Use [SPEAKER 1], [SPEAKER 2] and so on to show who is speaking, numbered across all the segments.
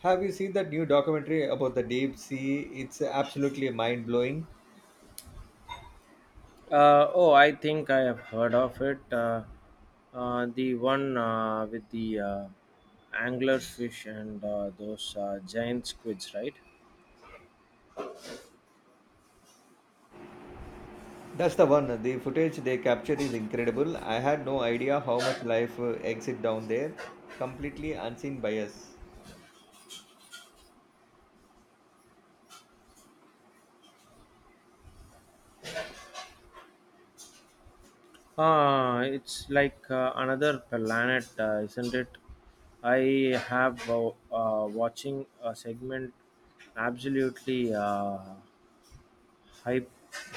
[SPEAKER 1] Have you seen that new documentary about the deep sea? It's absolutely mind blowing.
[SPEAKER 2] Oh, I think I have heard of it. The one with the angler fish and those giant squids, right?
[SPEAKER 1] That's the one. The footage they captured is incredible. I had no idea how much life exists down there, completely unseen by us.
[SPEAKER 2] Ah, it's like another planet, isn't it? I have watching a segment absolutely hy-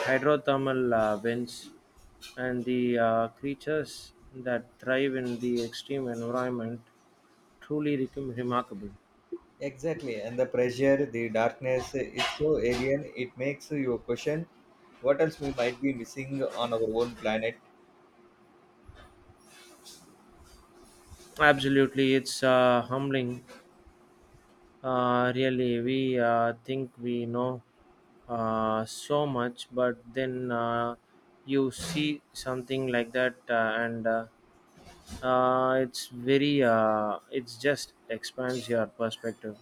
[SPEAKER 2] hydrothermal vents and the creatures that thrive in the extreme environment. Truly remarkable.
[SPEAKER 1] Exactly. And the pressure, the darkness, it's so alien. It makes you question what else we might be missing on our own planet.
[SPEAKER 2] Absolutely, it's humbling. Really, we think we know so much, but then you see something like that, and it's very. It's just expands your perspective.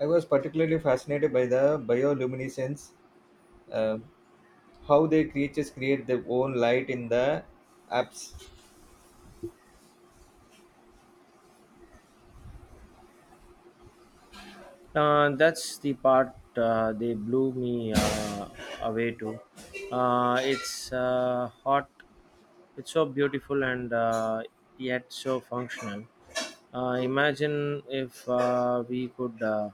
[SPEAKER 1] I was particularly fascinated by the bioluminescence, um, how the creatures create their own light in the apse.
[SPEAKER 2] That's the part they blew me away to. It's hot. It's so beautiful and yet so functional. Imagine if we could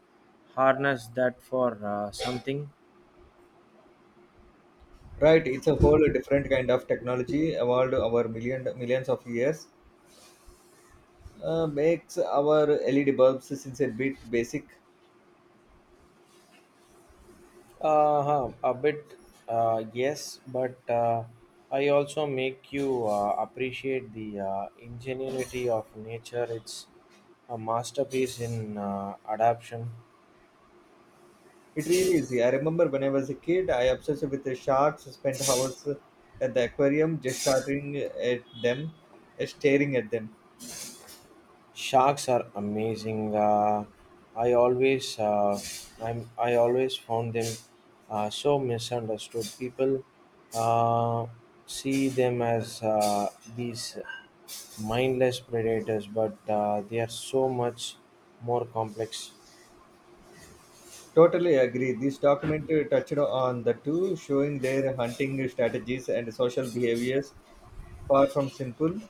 [SPEAKER 2] harness that for something.
[SPEAKER 1] Right, it's a whole different kind of technology evolved over million millions of years. Makes our LED bulbs since a bit basic.
[SPEAKER 2] Huh, a bit, yes, but I also make you appreciate the ingenuity of nature. It's a masterpiece in adaptation.
[SPEAKER 1] It really is. I remember when I was a kid, I obsessed with the sharks, spent hours at the aquarium just staring at them, staring at them.
[SPEAKER 2] Sharks are amazing. I always, uh, I always found them so misunderstood. People uh, see them as these mindless predators, but they are so much more complex.
[SPEAKER 1] Totally agree. This document touched on the two, showing their hunting strategies and social behaviors, far from simple.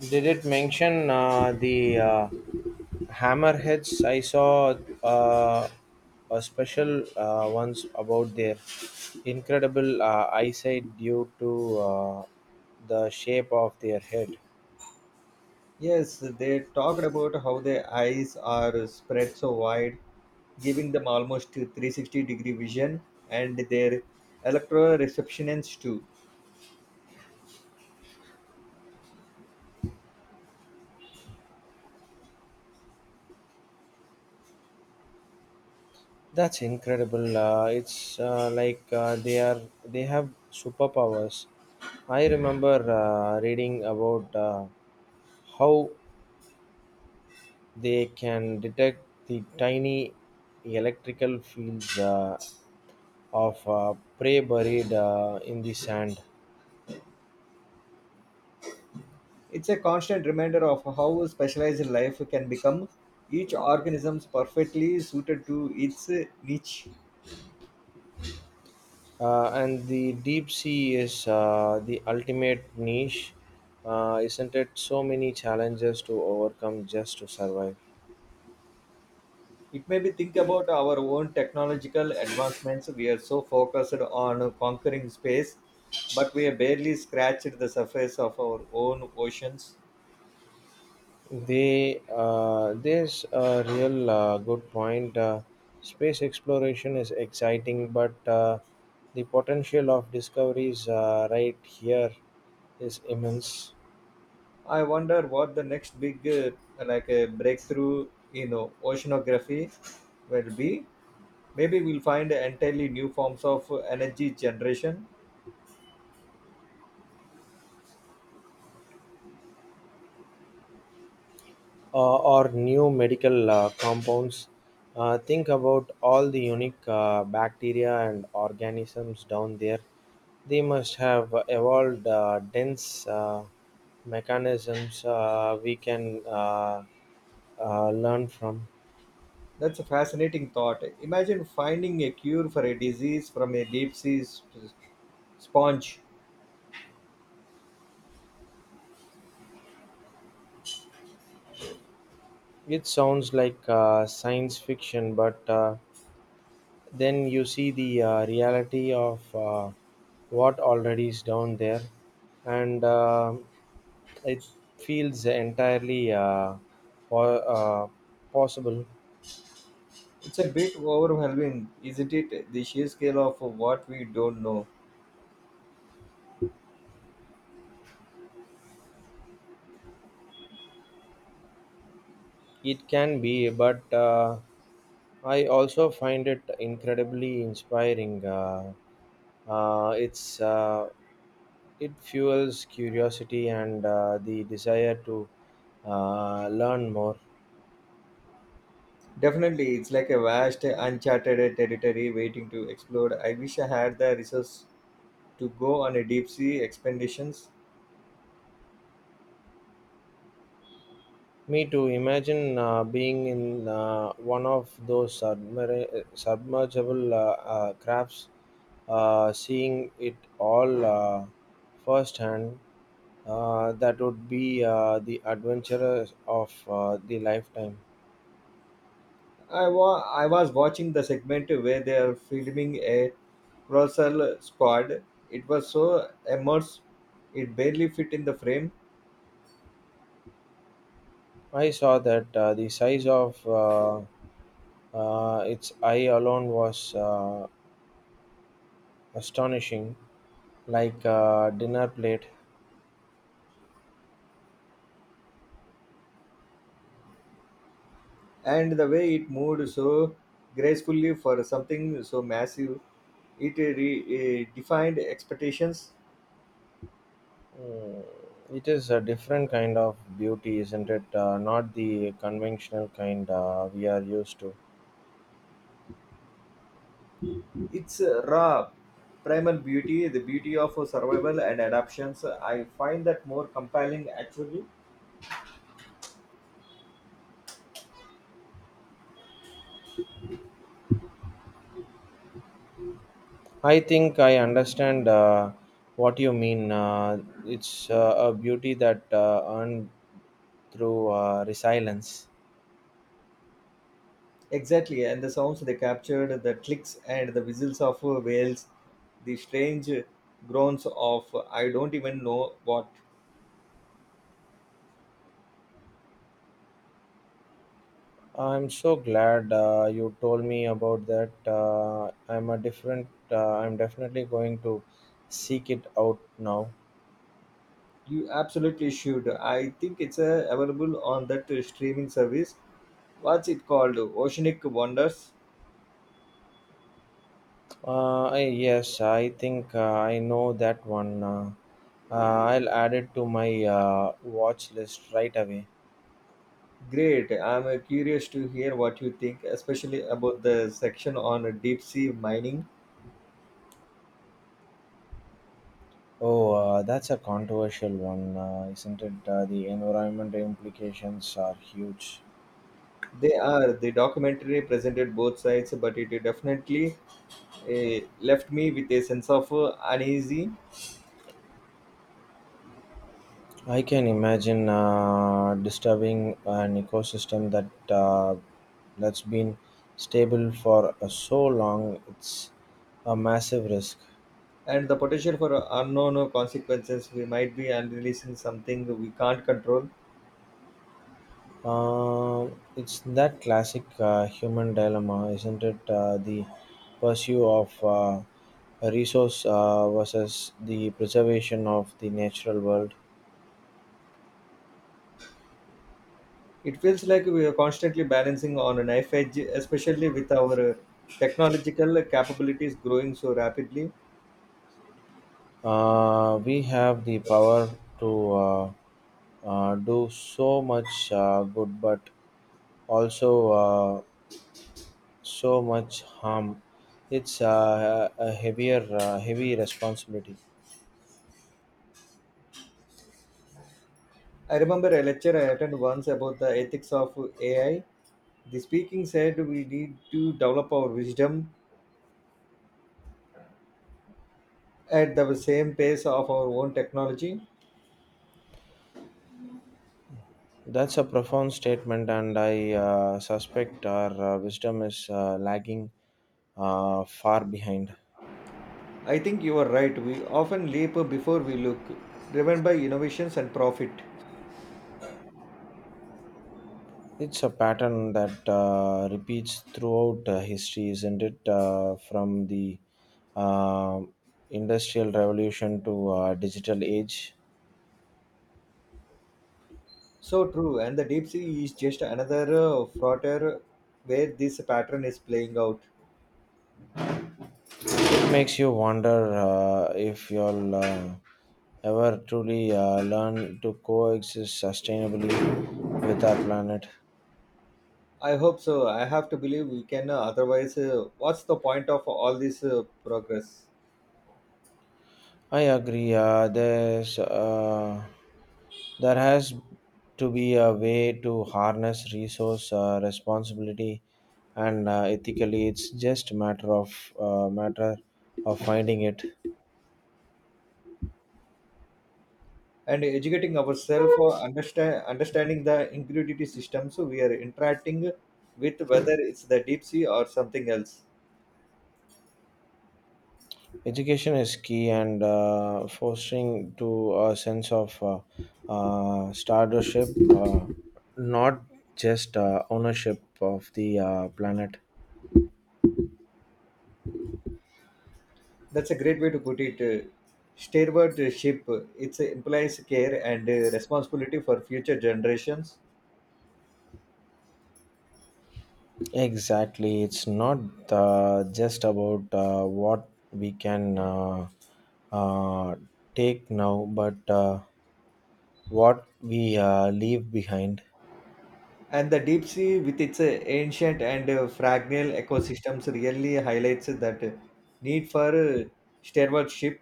[SPEAKER 2] Did it mention the hammerheads? I saw uh, a special once about their incredible eyesight due to the shape of their head.
[SPEAKER 1] Yes, they talked about how their eyes are spread so wide, giving them almost 360-degree vision, and their electoral receptionists too.
[SPEAKER 2] That's incredible. It's like they have superpowers. I remember reading about how they can detect the tiny electrical fields of prey buried in the sand.
[SPEAKER 1] It's a constant reminder of how specialized life can become, each organism's perfectly suited to its niche.
[SPEAKER 2] And the deep sea is the ultimate niche, isn't it? So many challenges to overcome just to survive.
[SPEAKER 1] It may be think about our own technological advancements. We are so focused on conquering space, but we have barely scratched the surface of our own oceans.
[SPEAKER 2] There's a real good point. Space exploration is exciting, but the potential of discoveries right here is immense.
[SPEAKER 1] I wonder what the next big, like a breakthrough in oceanography will be. Maybe we'll find entirely new forms of energy generation.
[SPEAKER 2] Or new medical compounds. Think about all the unique bacteria and organisms down there. They must have evolved dense mechanisms we can learn from.
[SPEAKER 1] That's a fascinating thought. Imagine finding a cure for a disease from a deep sea sponge.
[SPEAKER 2] It sounds like science fiction, but then you see the reality of what already is down there and it feels entirely po- uh, possible.
[SPEAKER 1] It's a bit overwhelming, isn't it? The sheer scale of what we don't know.
[SPEAKER 2] It can be, but I also find it incredibly inspiring. Uh, it's uh, it fuels curiosity and the desire to learn more.
[SPEAKER 1] Definitely, it's like a vast, uncharted territory waiting to explore. I wish I had the resources to go on a deep sea expeditions.
[SPEAKER 2] Me too. Imagine being in one of those submergible crafts, seeing it all firsthand. That would be the adventure of the lifetime.
[SPEAKER 1] I was watching the segment where they are filming a colossal squad. It was so immense, it barely fit in the frame,
[SPEAKER 2] I saw that the size of its eye alone was astonishing, like a dinner plate.
[SPEAKER 1] and the way it moved so gracefully for something so massive, defined expectations.
[SPEAKER 2] Mm, it is a different kind of beauty, isn't it? Not the conventional kind we are used to.
[SPEAKER 1] It's raw, primal beauty, the beauty of survival and adaptations. I find that more compelling actually.
[SPEAKER 2] I think I understand what you mean. It's a beauty that earned through resilience.
[SPEAKER 1] Exactly, and the sounds they captured, the clicks and the whistles of whales, the strange groans of I don't even know what.
[SPEAKER 2] I'm so glad you told me about that. I'm a different. I'm definitely going to seek it out now.
[SPEAKER 1] You absolutely should. I think it's available on that streaming service. What's it called? Oceanic Wonders?
[SPEAKER 2] Yes, I think I know that one. Uh, I'll add it to my watch list right away.
[SPEAKER 1] Great. I'm curious to hear what you think, especially about the section on deep sea mining.
[SPEAKER 2] Oh, that's a controversial one, isn't it? The environmental implications are huge.
[SPEAKER 1] They are. The documentary presented both sides, but it definitely left me with a sense of uneasy,
[SPEAKER 2] I can imagine disturbing an ecosystem that's been stable for so long. It's a massive risk.
[SPEAKER 1] and the potential for unknown consequences we might be and releasing something we can't control.
[SPEAKER 2] It's that classic human dilemma, isn't it? The pursuit of a resource versus the preservation of the natural world.
[SPEAKER 1] It feels like we are constantly balancing on a knife edge, especially with our technological capabilities growing so rapidly.
[SPEAKER 2] We have the power to do so much good, but also so much harm. It's a heavy responsibility.
[SPEAKER 1] I remember a lecture I attended once about the ethics of AI. The speaking said we need to develop our wisdom at the same pace of our own technology.
[SPEAKER 2] That's a profound statement, and I suspect our wisdom is lagging far behind.
[SPEAKER 1] I think you are right. We often leap before we look, driven by innovations and profit.
[SPEAKER 2] It's a pattern that repeats throughout history, isn't it? From the uh, Industrial Revolution to digital age.
[SPEAKER 1] So true, and the deep sea is just another frontier where this pattern is playing out.
[SPEAKER 2] Makes you wonder if you'll ever truly learn to coexist sustainably with our planet.
[SPEAKER 1] I hope so. I have to believe we can. Otherwise, what's the point of all this progress?
[SPEAKER 2] I agree. There has to be a way to harness resource responsibility and ethically. It's just matter of finding it.
[SPEAKER 1] And educating ourselves, understanding the ingredient systems we are interacting with, whether it's the deep sea or something else.
[SPEAKER 2] Education is key and fostering to a sense of stewardship, uh, not just ownership of the planet.
[SPEAKER 1] That's a great way to put it. Steerward ship. It implies care and responsibility for future generations.
[SPEAKER 2] Exactly, it's not just about what we can uh, take now, but what we leave behind.
[SPEAKER 1] And the deep sea, with its ancient and fragile ecosystems, really highlights that need for stewardship.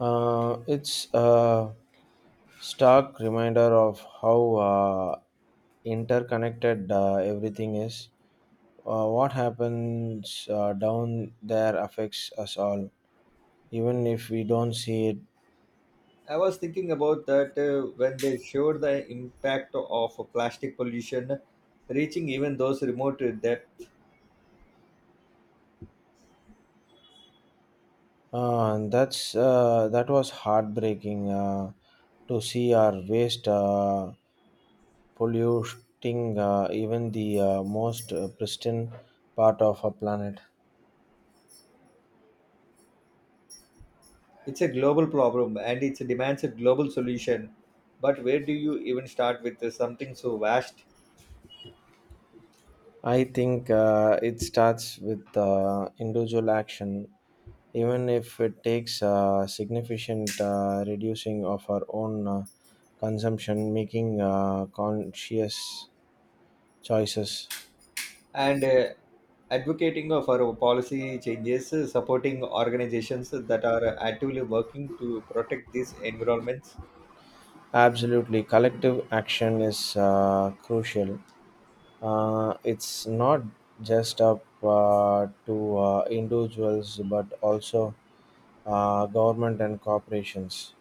[SPEAKER 2] It's stark reminder of how interconnected everything is. What happens down there affects us all, even if we don't see it.
[SPEAKER 1] I was thinking about that when they showed the impact of plastic pollution reaching even those remote depth.
[SPEAKER 2] And that was heartbreaking to see our waste polluting even the most pristine part of our planet.
[SPEAKER 1] It's a global problem and it demands a global solution. But where do you even start with something so vast?
[SPEAKER 2] I think it starts with individual action, even if it takes significant reducing of our own consumption, making conscious choices.
[SPEAKER 1] And Advocating of our policy changes, supporting organizations that are actively working to protect these environments.
[SPEAKER 2] Absolutely, collective action is crucial. It's not just up to individuals, but also government and corporations.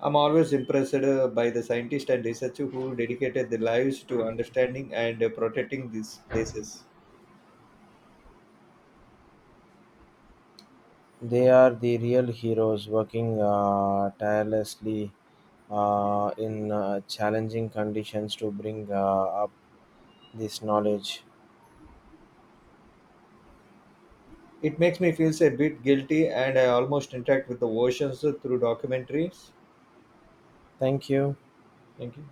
[SPEAKER 1] I'm always impressed by the scientists and researchers who dedicated their lives to understanding and protecting these places.
[SPEAKER 2] They are the real heroes, working tirelessly in challenging conditions to bring up this knowledge.
[SPEAKER 1] It makes me feel a bit guilty, and I almost interact with the oceans through documentaries.
[SPEAKER 2] Thank you.
[SPEAKER 1] Thank you.